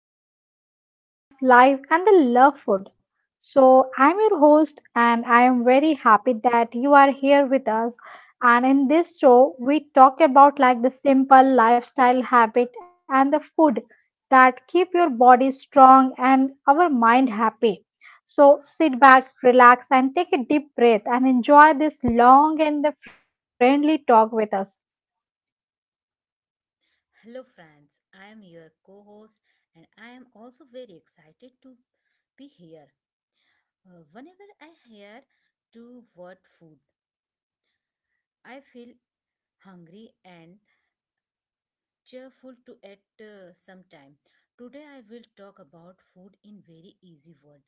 podcast that is Love, Life, and the Love Food. So, I'm your host, and I am very happy that you are here with us. And in this show, we talk about like the simple lifestyle habit and the food that keep your body strong and our mind happy. So, sit back, relax, and take a deep breath and enjoy this long and the friendly talk with us. Hello, friends. I am your co host, and I am also very excited to be here. Whenever I hear to word food, I feel hungry and cheerful to eat sometime. Today, I will talk about food in very easy word,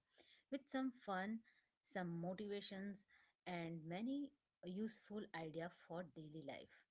with some fun, some motivations, and many useful idea for daily life.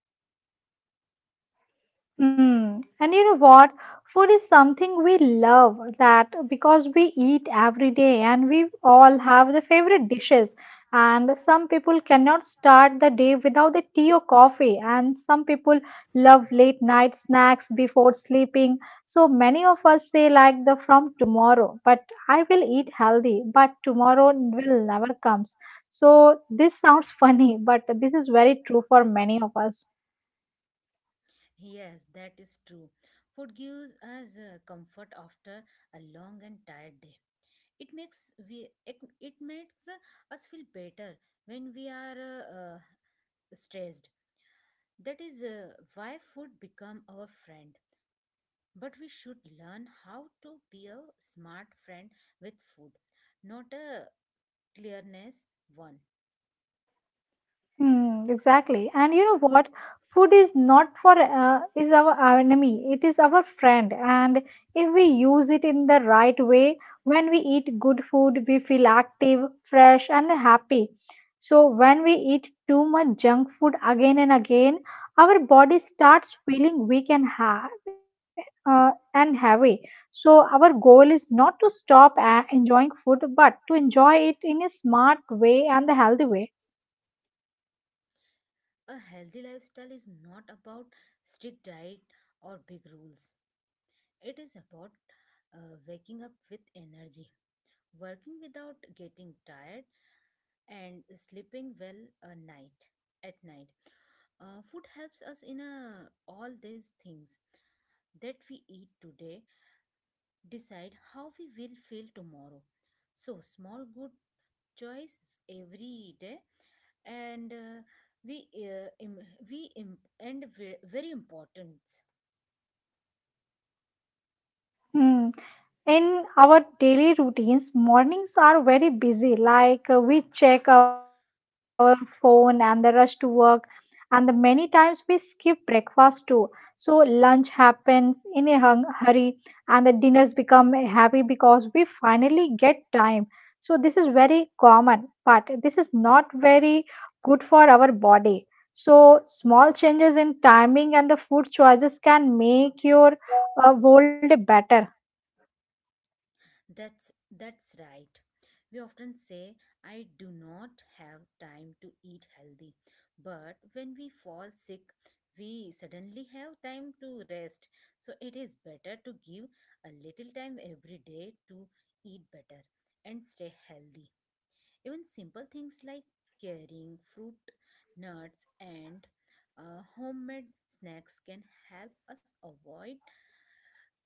Mm. And you know what? Food is something we love that because we eat every day and we all have the favorite dishes. And some people cannot start the day without the tea or coffee. And some people love late night snacks before sleeping. So many of us say, like, the from tomorrow, but I will eat healthy, but tomorrow will never comes. So this sounds funny, but this is very true for many of us. Yes, that is true. Food gives us comfort after a long and tired day. It makes us feel better when we are stressed. That is why food become our friend. But we should learn how to be a smart friend with food, not a clearness one. Hmm, exactly. And you know what? Food is not for is our enemy. It is our friend. And if we use it in the right way, when we eat good food, we feel active, fresh, and happy. So when we eat too much junk food again and again, our body starts feeling weak and ha and heavy. So our goal is not to stop enjoying food, but to enjoy it in a smart way and the healthy way. A healthy lifestyle is not about strict diet or big rules. It is about waking up with energy, working without getting tired, and sleeping well a night at night. Food helps us in all these things that we eat today decide how we will feel tomorrow. So small good choice every day, and we im- we imp- and ve- very important. Hmm. In our daily routines, mornings are very busy. Like we check our phone and the rush to work, and the many times we skip breakfast too. So lunch happens in a hung hurry, and the dinners become heavy because we finally get time. So this is very common, but this is not very good for our body. So small changes in timing and the food choices can make your world better. That's right. We often say, I do not have time to eat healthy. But when we fall sick, we suddenly have time to rest. So it is better to give a little time every day to eat better and stay healthy. Even simple things like carrying fruit, nuts and homemade snacks can help us avoid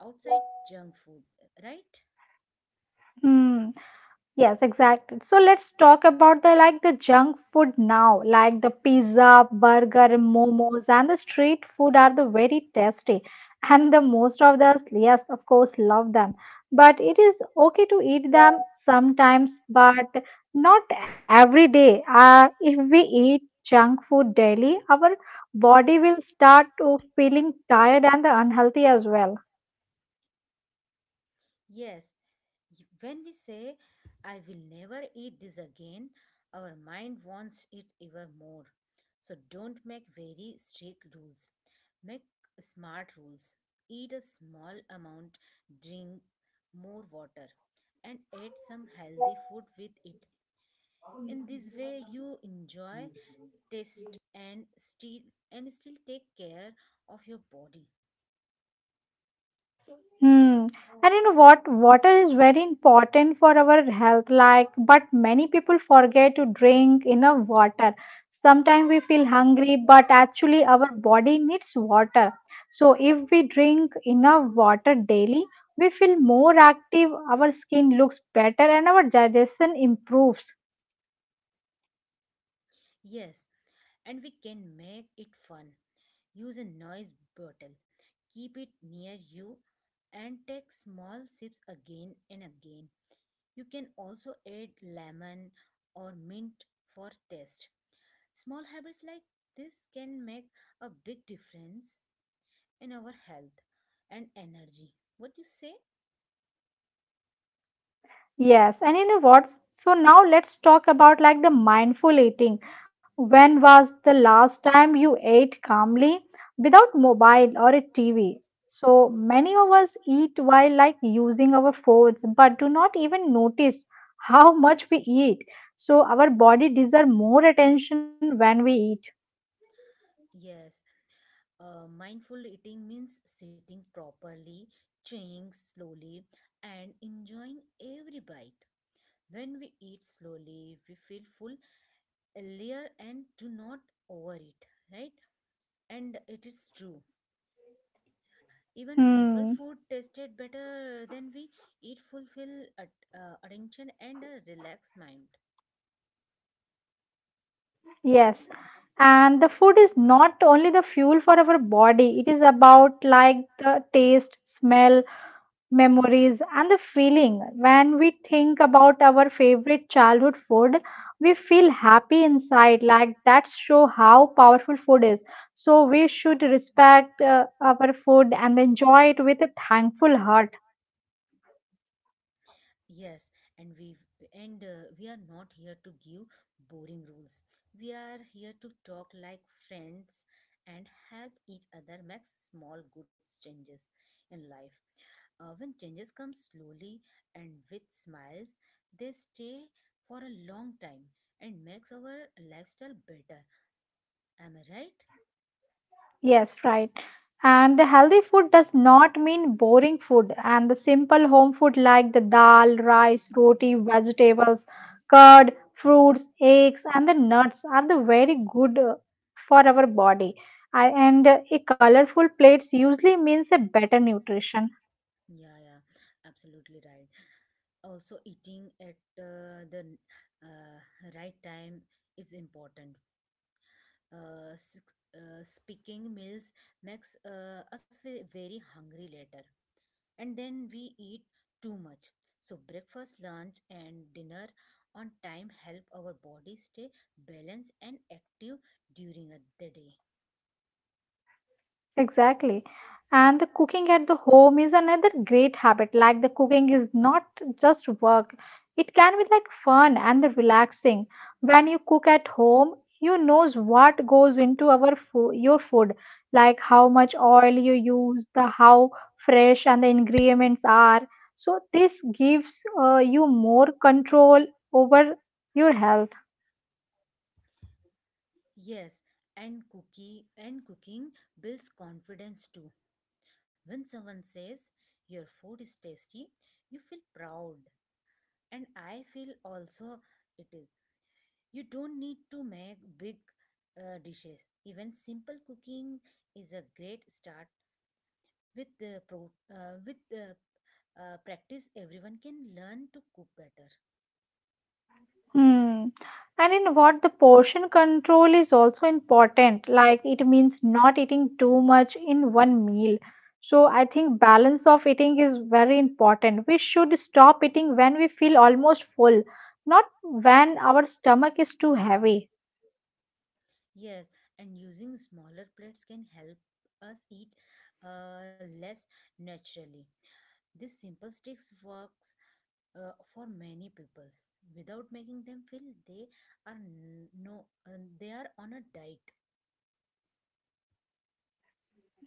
outside junk food, right? Hmm. Yes, exactly. So let's talk about the like the junk food now, like the pizza, burger, momos, and the street food are the very tasty, and the most of us, yes, of course, love them. But it is okay to eat them sometimes, but not every day. If we eat junk food daily, our body will start to feeling tired and unhealthy as well. Yes. When we say, I will never eat this again, our mind wants it even more. So don't make very strict rules. Make smart rules. Eat a small amount, drink more water, and add some healthy food with it. In this way, you enjoy, taste, and still take care of your body. Hmm. And you know what? Water is very important for our health, like, but many people forget to drink enough water. Sometimes we feel hungry, but actually our body needs water. So if we drink enough water daily, we feel more active, our skin looks better, and our digestion improves. Yes, and we can make it fun. Use a noise bottle, keep it near you, and take small sips again and again. You can also add lemon or mint for taste. Small habits like this can make a big difference in our health and energy. What you say? Yes, and you know what? So now let's talk about like the mindful eating. When was the last time you ate calmly without mobile or a TV? So many of us eat while like using our phones, but do not even notice how much we eat. So our body deserves more attention when we eat. Yes. Mindful eating means sitting properly, chewing slowly, and enjoying every bite. When we eat slowly, we feel full, earlier, and do not overeat, right? And it is true. Even simple Hmm. food tasted better than we eat fulfill at, attention and a relaxed mind. Yes. And the food is not only the fuel for our body, it is about like the taste, smell, memories and the feeling. When we think about our favorite childhood food, we feel happy inside. Like that show how powerful food is. So we should respect our food and enjoy it with a thankful heart. Yes, and we are not here to give boring rules. We are here to talk like friends and help each other make small good changes in life. When changes come slowly and with smiles, they stay for a long time and makes our lifestyle better. Am I right? Yes, right. And the healthy food does not mean boring food. And the simple home food like the dal, rice, roti, vegetables, curd, fruits, eggs, and the nuts are the very good for our body. I, and A colorful plates usually means a better nutrition. Yeah, yeah, absolutely right. Also, eating at the uh, right time is important. uh, s- Speaking meals makes us very hungry later, and then we eat too much. So breakfast, lunch, and dinner on time help our body stay balanced and active during the day. Exactly. And the cooking at the home is another great habit. Like the cooking is not just work, it can be like fun and the relaxing. When you cook at home, you knows what goes into your food, like how much oil you use, the how fresh and the ingredients are. So this gives you more control over your health. Yes, and cookie and cooking builds confidence too. When someone says your food is tasty, you feel proud, and I feel also it is. You don't need to make big dishes. Even simple cooking is a great start. With the practice, everyone can learn to cook better. Hmm. And in what the portion control is also important, like it means not eating too much in one meal. So I think balance of eating is very important. We should stop eating when we feel almost full, not when our stomach is too heavy. Yes, and using smaller plates can help us eat less naturally. This simple tricks works for many people without making them feel they are n- no they are on a diet.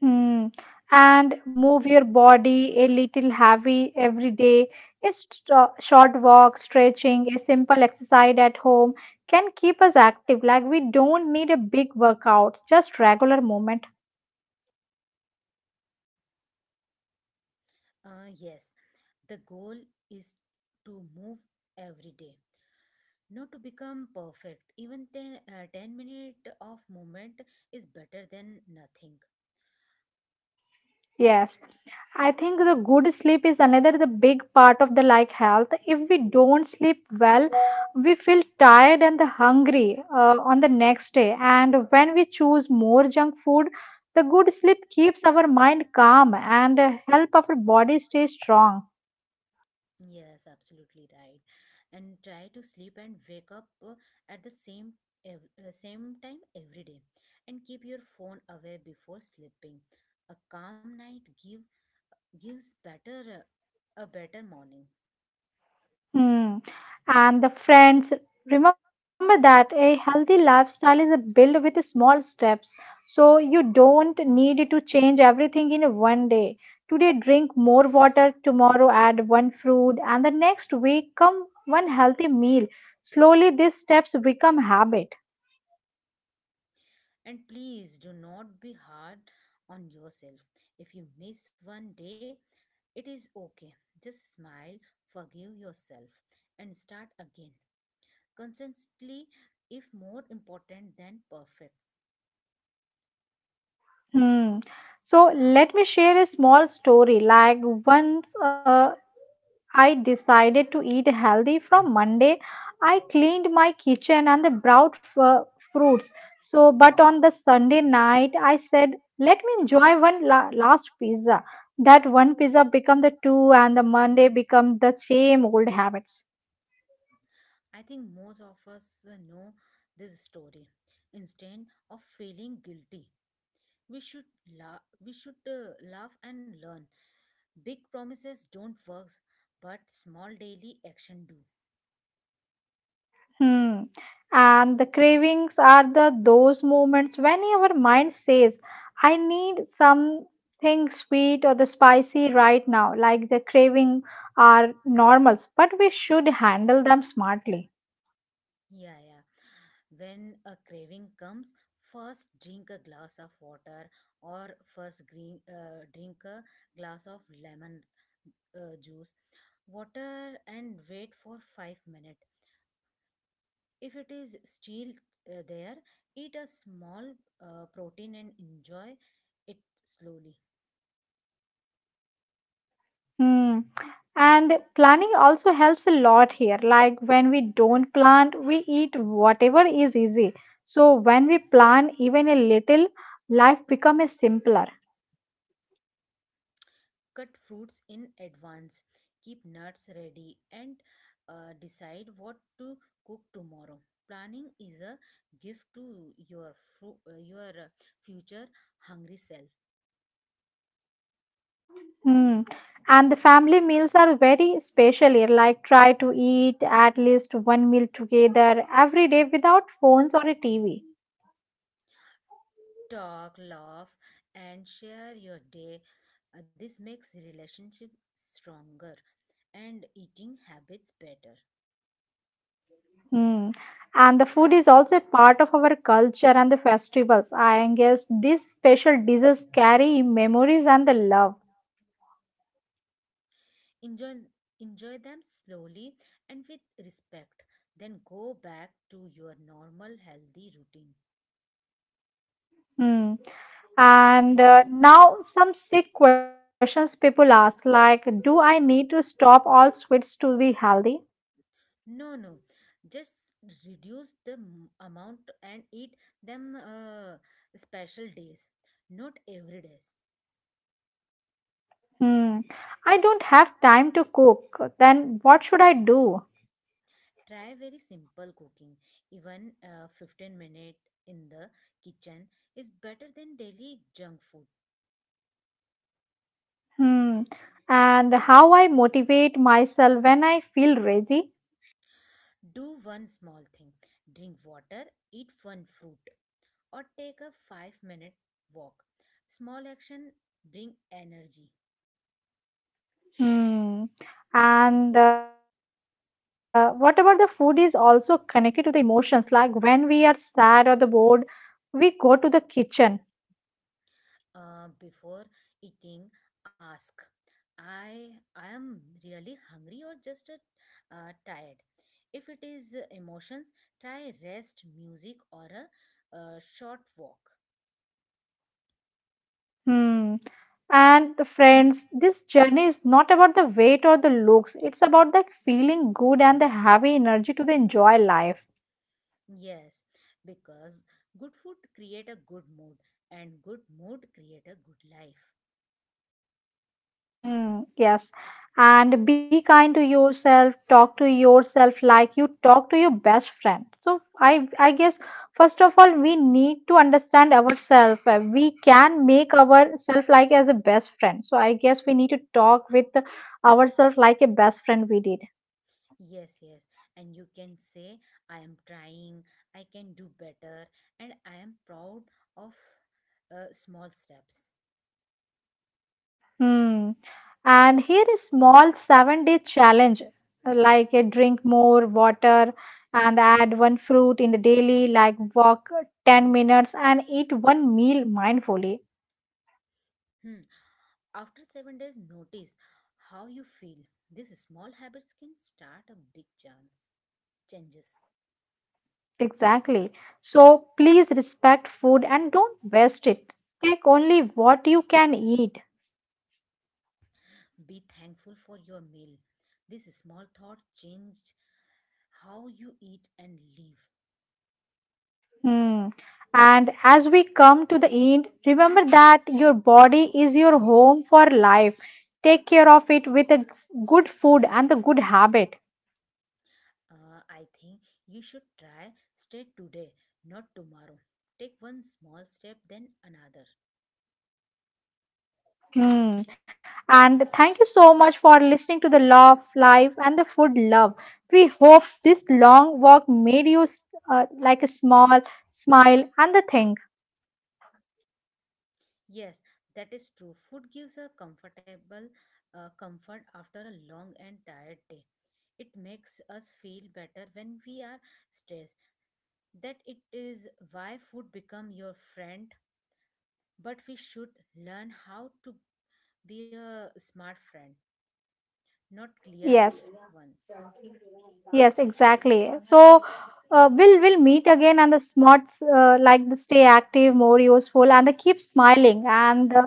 Hmm. And move your body a little heavy every day. A short walk, stretching, a simple exercise at home can keep us active. Like we don't need a big workout, just regular movement. Yes, the goal is to move every day, not to become perfect. Even 10, 10 minute of movement is better than nothing. Yes, I think the good sleep is another the big part of the like health. If we don't sleep well, we feel tired and the hungry on the next day. And when we choose more junk food, the good sleep keeps our mind calm and help our body stay strong. Yes, absolutely right. And try to sleep and wake up at the same time every day, and keep your phone away before sleeping. A calm night give gives better a better morning. Hmm. And the friends, remember that a healthy lifestyle is a built with small steps. So you don't need to change everything in one day. Today, drink more water, tomorrow, add one fruit, and the next week, come one healthy meal. Slowly, these steps become habit. And please do not be hard on yourself. If you miss one day, it is okay. Just smile, forgive yourself, and start again. Constantly, if more important than perfect. Hmm. So let me share a small story. Like once I decided to eat healthy from Monday, I cleaned my kitchen and the brought fruits. So, but on the Sunday night, I said, let me enjoy last pizza. That one pizza become the two, and the Monday become the same old habits. I think most of us know this story. Instead of feeling guilty, we should we should laugh and learn. Big promises don't work, but small daily action do. Hmm. And the cravings are the those moments when your mind says, I need something sweet or the spicy right now. Like the craving are normals, but we should handle them smartly. Yeah, yeah. When a craving comes, first drink a glass of water, or drink a glass of lemon juice, water, and wait for 5 minutes. If it is still there, eat a small protein and enjoy it slowly. Hmm. And planning also helps a lot here. Like when we don't plan, we eat whatever is easy. So when we plan even a little, life become a simpler. Cut fruits in advance, keep nuts ready, and decide what to cook tomorrow. Planning is a gift to your future hungry self. Hmm. And the family meals are very special here. Like try to eat at least one meal together every day without phones or a TV. Talk, laugh, and share your day. This makes relationship stronger and eating habits better. Hmm. And the food is also a part of our culture and the festivals. I guess these special dishes carry memories and the love. Enjoy enjoy them slowly and with respect. Then go back to your normal healthy routine. Hmm. And now some sick questions people ask like, do I need to stop all sweets to be healthy? No, no, just reduce the amount and eat them special days, not every days. Hmm. I don't have time to cook. Then what should I do? Try very simple cooking. Even 15 minute in the kitchen is better than daily junk food. Hmm. And how I motivate myself when I feel lazy? Do one small thing. Drink water, eat one fruit, or take a 5-minute walk. Small action bring energy. Hmm. And what about the food is also connected to the emotions. Like when we are sad or the bored, we go to the kitchen. Before eating, ask, i I am really hungry, or just tired. If it is emotions, try rest music or a short walk. Hmm. And the friends, this journey is not about the weight or the looks. It's about the feeling good and the having energy to the enjoy life. Yes, because good food create a good mood, and good mood create a good life. Mm, yes. And be kind to yourself, talk to yourself like you talk to your best friend. So I guess first of all we need to understand ourselves. We can make ourselves like as a best friend. So I guess we need to talk with ourselves like a best friend we did. Yes, yes, and you can say, I am trying, I can do better, and I am proud of small steps. Hmm. And here is small 7-day challenge like a drink more water and add one fruit in the daily, like walk 10 minutes and eat one meal mindfully. Hmm. After 7 days, notice how you feel. These small habits can start a big chance. Changes. Exactly. So please respect food and don't waste it. Take only what you can eat. Be thankful for your meal. This small thought changed how you eat and live. Hmm. And as we come to the end, remember that your body is your home for life. Take care of it with a good food and the good habit. I think you should try stay today, not tomorrow. Take one small step, then another. Hmm. And thank you so much for listening to the Law of Life and the Food Love. We hope this long walk made you like a small smile and the thing. Yes, that is true. Food gives a comfort after a long and tired day. It makes us feel better when we are stressed. That it is why food become your friend, but we should learn how to be a smart friend, not clear Yes. one. Yes, exactly. So we'll meet again and the smarts like the stay active, more useful, and the keep smiling. And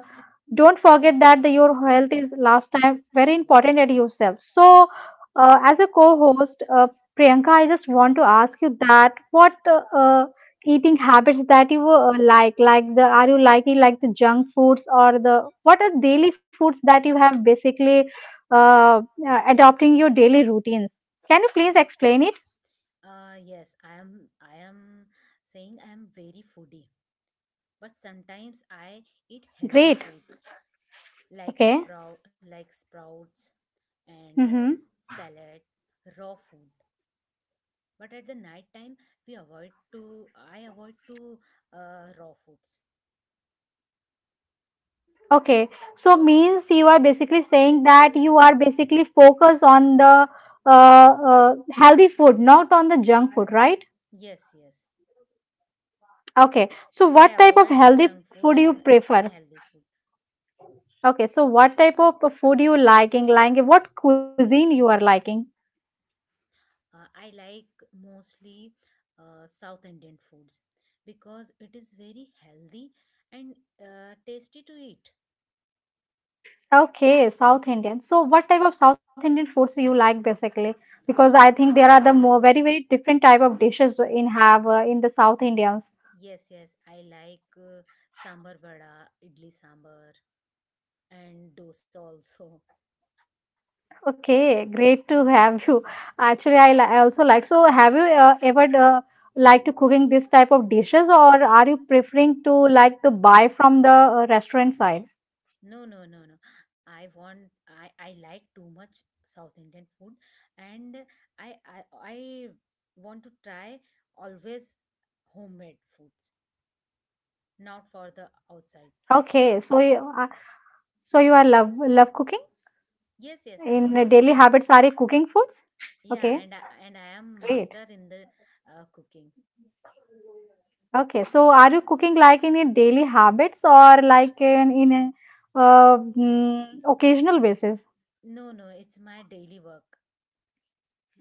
don't forget that the, your health is last time very important at yourself. So as a co-host, Priyanka, I just want to ask you that what eating habits that you like the are you liking like the junk foods or the what are daily foods that you have basically uh, adopting your daily routines? Can you please explain it? Yes, I am saying I am very foodie, but sometimes I eat healthy Great. foods like Okay. Sprouts and Mm-hmm. salad, raw food. But at the night time, we avoid to I avoid to raw foods. Okay. So means you are basically saying that you are basically focused on the uh, healthy food, not on the junk food, right? Yes, yes, Okay. So I what type of avoid the healthy junk food food you and prefer? unhealthy food. Okay. So what type of food you liking? Liking what cuisine you are liking? I like mostly South Indian foods, because it is very healthy and tasty to eat. Okay, South Indian. So what type of South Indian foods you like basically? Because I think there are the more very very different type of dishes in Y- have in the South Indians. Yes, yes, I like sambar vada, idli sambar, and dosa also. Okay, great to have you. Actually, I also like. So, have you ever liked to cooking this type of dishes, or are you preferring to like to buy from the restaurant side? No, no, no, no. I want. I like too much South Indian food, and I want to try always homemade foods, not for the outside. Okay, so you so you are love cooking Yes, yes, I love in daily cooking. habits. Are you cooking foods? Yeah, Okay, and I am great. master in the cooking. Okay, so are you cooking like in your daily habits or like in a occasional basis? No, no, it's my daily work.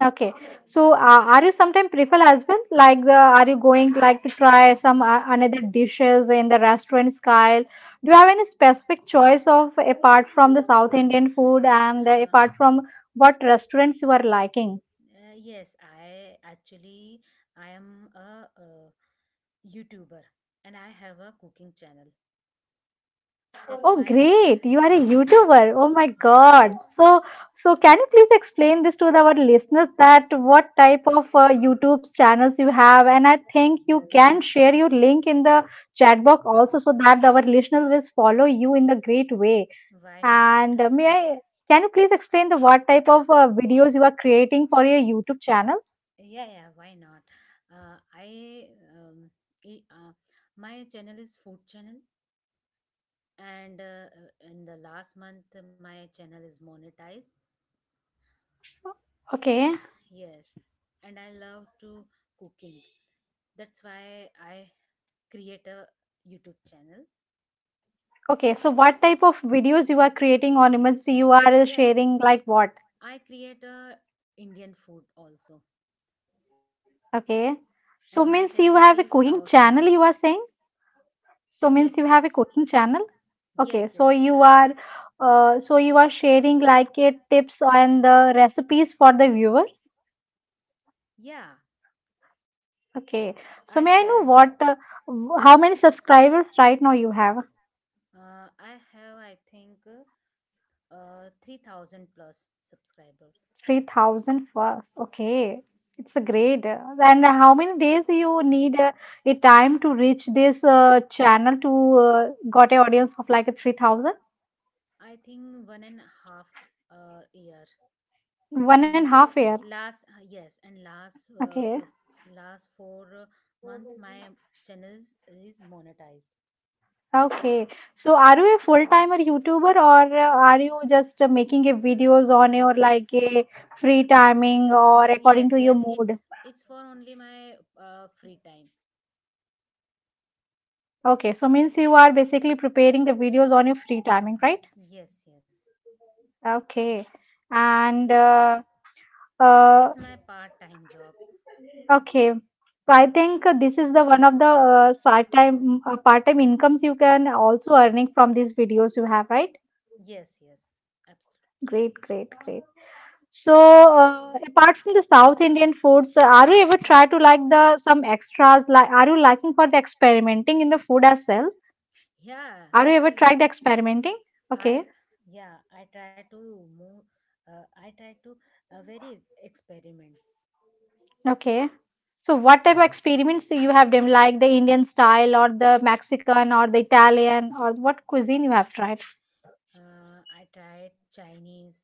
Okay. So, are you sometime prefer as well? Like, are you going like to try some another dishes in the restaurant style? Do you have any specific choice of apart from the South Indian food and Uh, apart from what restaurants you are liking? Yes, I actually, I am a, YouTuber, and I have a cooking channel. That's Oh, why. great. You are a Yes, YouTuber. Oh my yes, yes. God. So, can you please explain this to our listeners that what type of YouTube channels you have? And I think you can share your link in the chat box also so that our listeners will follow you in the great way. Why not? And can you please explain the what type of videos you are creating for your YouTube channel? Yeah, yeah. Why not? Uh, I um, e- uh, my channel is food channel, and in the last month my channel is monetized. Okay. And, yes, and I love to cooking. That's why I create a YouTube channel. Okay. So what type of videos you are creating on emergency you are Yeah, sharing like what? I create a Indian food also. Okay. So And my means you favorite have a is cooking South channel, Indian. you are saying? So means Yes, you yes. have a cooking channel? Yes, Okay. yes, I have. So you are sharing like a tips and the recipes for the viewers. Yeah, Okay. I So may I share know with how many subscribers right now you have? I have, I think, 3,000 plus subscribers. 3,000 first. Okay. It's a great. And how many days you need a time to reach this channel to got a audience of like a 3,000? I think one and a half year. One and And a half year. last yes, and Okay. Last four month my channels is monetized. Okay. So are you a full-timer YouTuber or are you just making a videos on your like a free timing or Yes, according to yes, your it's mood? it's for only my free time. Okay. So means you are basically preparing the videos on your free timing, right? Yes, yes, Okay. And it's uh, my part time job. okay. So I think this is the one of the part-time incomes you can also earning from these videos you have, right? Yes, yes, absolutely. Great, great, great. So, apart from the South Indian foods, are you ever try to like the some extras? Like, are you liking for the experimenting in the food as well? Yeah, Are you ever absolutely. tried the experimenting? I Okay, Yeah, I try to move, I try to, very experiment. okay. So, what type of experiments do you have done, like the Indian style or the Mexican or the Italian or what cuisine you have tried? I tried Chinese.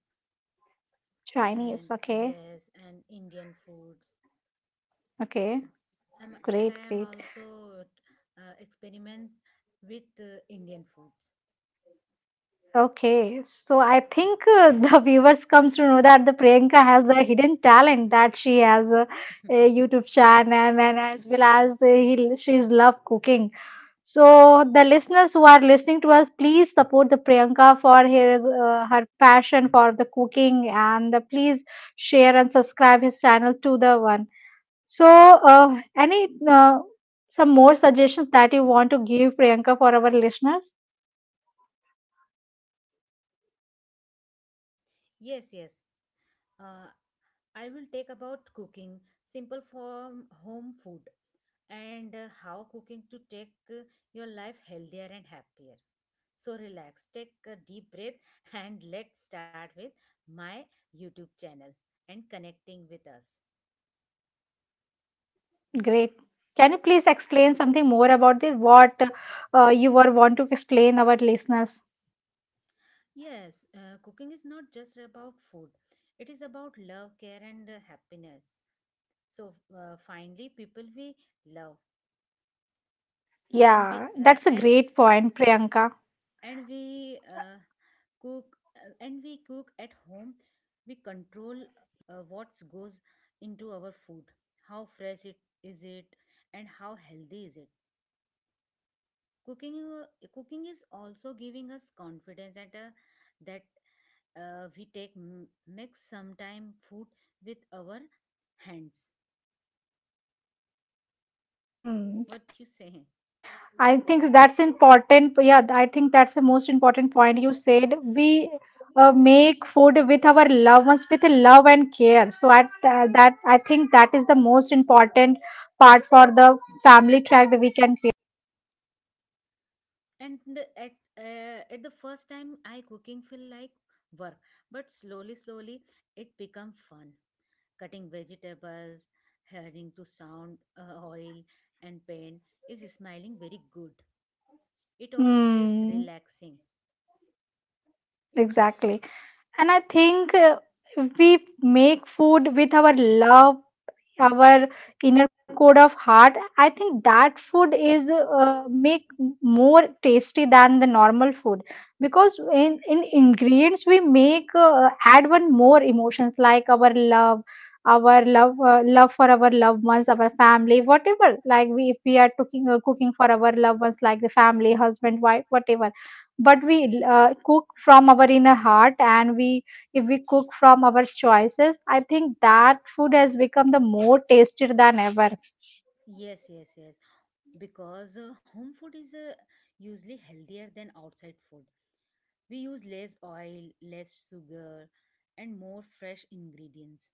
Chinese. And, Okay, yes, and Indian foods. okay. I Great, am great. also experiment with Indian foods. Okay, so I think the viewers comes to know that the Priyanka has the hidden talent that she has a YouTube channel and as well as she's love cooking. So the listeners who are listening to us, please support the Priyanka for her passion for the cooking and please share and subscribe his channel to the one. So any some more suggestions that you want to give Priyanka for our listeners? Yes, yes. Uh, I will take about cooking, simple form home food, and how cooking to take your life healthier and happier. So relax, take a deep breath, and let's start with my YouTube channel and connecting with us. Great. Can you please explain something more about this? What you were want to explain our listeners? Yes, cooking is not just about food, it is about love, care, and happiness. So finally, people we love when we Yeah, that's a great point, Priyanka. and we cook, and we cook at home. We control what goes into our food, how fresh it is it, and how healthy is it. Cooking is also giving us confidence, and that we take mix sometime food with our hands. Hmm. What you I say? think that's important. Yeah, I think that's the most important point you said. We make food with our loved ones with love and care. So I think that is the most important part for the family track that we can create. And at the first time, I cooking feel like work. But slowly, slowly, it become fun. Cutting vegetables, hearing to sound oil, and pain is smiling very good. It all feels Hmm. relaxing. Exactly. And I think we make food with our love, our inner core of heart. I think that food is make more tasty than the normal food because in ingredients we make add one more emotions like our love, love for our loved ones, our family, whatever. If we are cooking, cooking for our loved ones, like the family, husband, wife, whatever. But we cook from our inner heart and we if we cook from our choices, I think that food has become the more tasted than ever. Yes, yes, yes, because home food is usually healthier than outside food. We use less oil, less sugar, and more fresh ingredients.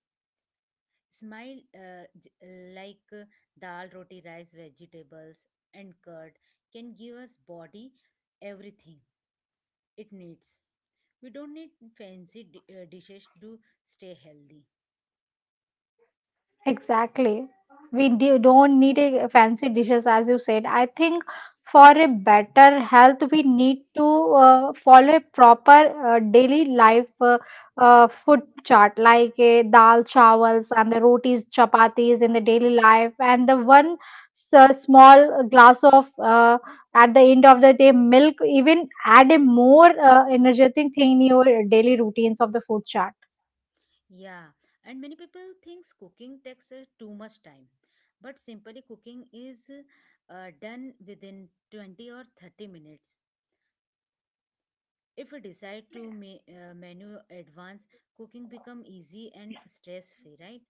Smile, like, dal, roti, rice, vegetables, and curd can give us body everything it needs. We don't need fancy dishes to stay healthy. Exactly. Don't need a fancy dishes, as you said. I think for a better health, we need to follow a proper daily life food chart, like dal, chawals, and the rotis, chapatis in the daily life, and the one small glass of at the end of the day milk. Even add a more energetic thing in your daily routines of the food chart. Yeah, and many people thinks cooking takes too much time, but simply cooking is done within 20 or 30 minutes. If we decide to menu advance, cooking become easy and stress free, right?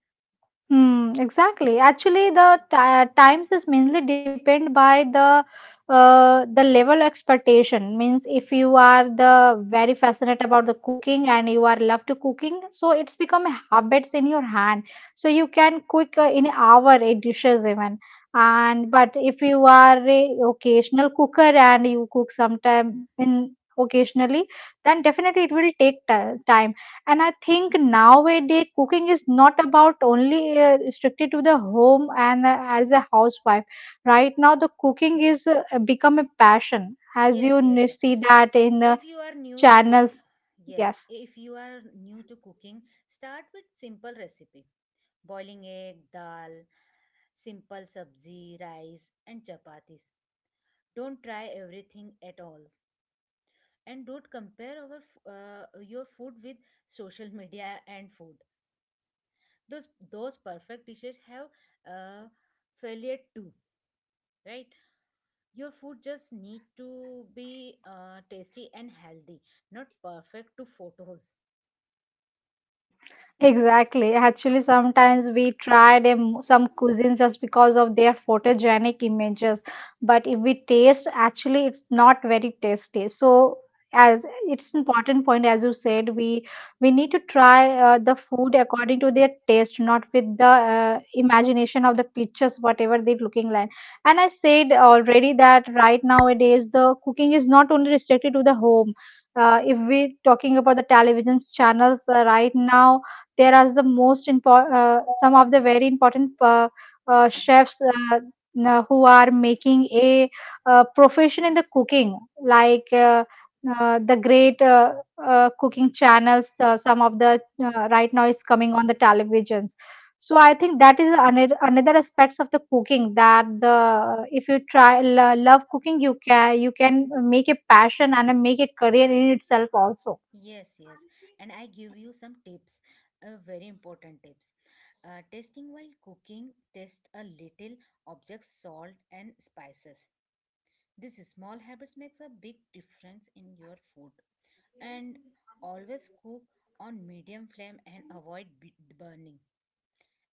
Hmm, exactly. Actually, the ti times is mainly depend by the level expectation. Means if you are the very fascinated about the cooking and you are love to cooking, so it's become habits in your hand. So you can cook in hour eight dishes even. And but if you are a occasional cooker and you cook sometime in occasionally, then definitely it will take time. And I think nowadays cooking is not about only restricted to the home and as a housewife. Right now, the cooking is become a passion, as you Yes, yes, yes. see that in If you are new to cook, channels. Yes. yes, if you are new to cooking, start with simple recipe. Boiling egg, dal, simple sabzi, rice and chapatis. Don't try everything at all, and don't compare your food with social media and food. Those those perfect dishes have uh, failure too, right? Your food just need to be tasty and healthy, not perfect to photos. Exactly. Actually, sometimes we try them some cuisines just because of their photogenic images, but if we taste, actually, it's not very tasty. So, as it's important point as you said, we need to try the food according to their taste, not with the imagination of the pictures, whatever they're looking like. And I said already that right nowadays the cooking is not only restricted to the home. If we're talking about the television channels right now there are the most important some of the very important chefs who are making a profession in the cooking like the great cooking channels some of the right now is coming on the televisions. So I think that is another aspects of the cooking that the if you try love cooking, you can make a passion and make a career in itself also. Yes, yes. And I give you some tips, very important tips. Tasting while cooking, test a little objects, salt and spices. These small habits makes a big difference in your food. And always cook on medium flame and avoid burning.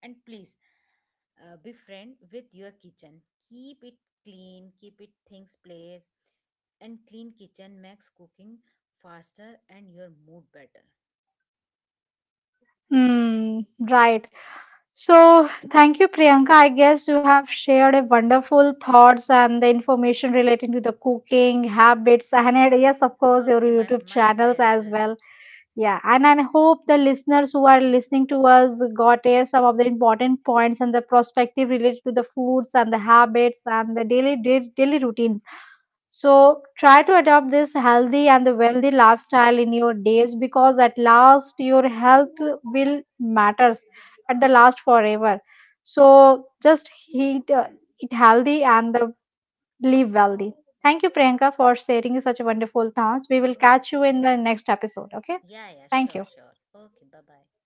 And please, be friend with your kitchen. Keep it clean, keep it things place. And clean kitchen makes cooking faster and your mood better. Hmm, right. So, thank you, Priyanka. I guess you have shared a wonderful thoughts and the information relating to the cooking habits, and yes, of course, your Okay, my YouTube my channels as pleasure. well. Yeah, and I hope the listeners who are listening to us got some of the important points and the perspective related to the foods and the habits and the daily routines. So try to adopt this healthy and the wealthy lifestyle in your days because at last your health will matters at the last forever. So just eat healthy and the live wealthy. Thank you, Priyanka, for sharing such wonderful thoughts. We will catch Okay, you in the next episode. Okay. yeah, yeah, Thank sure, you. sure, okay, bye bye.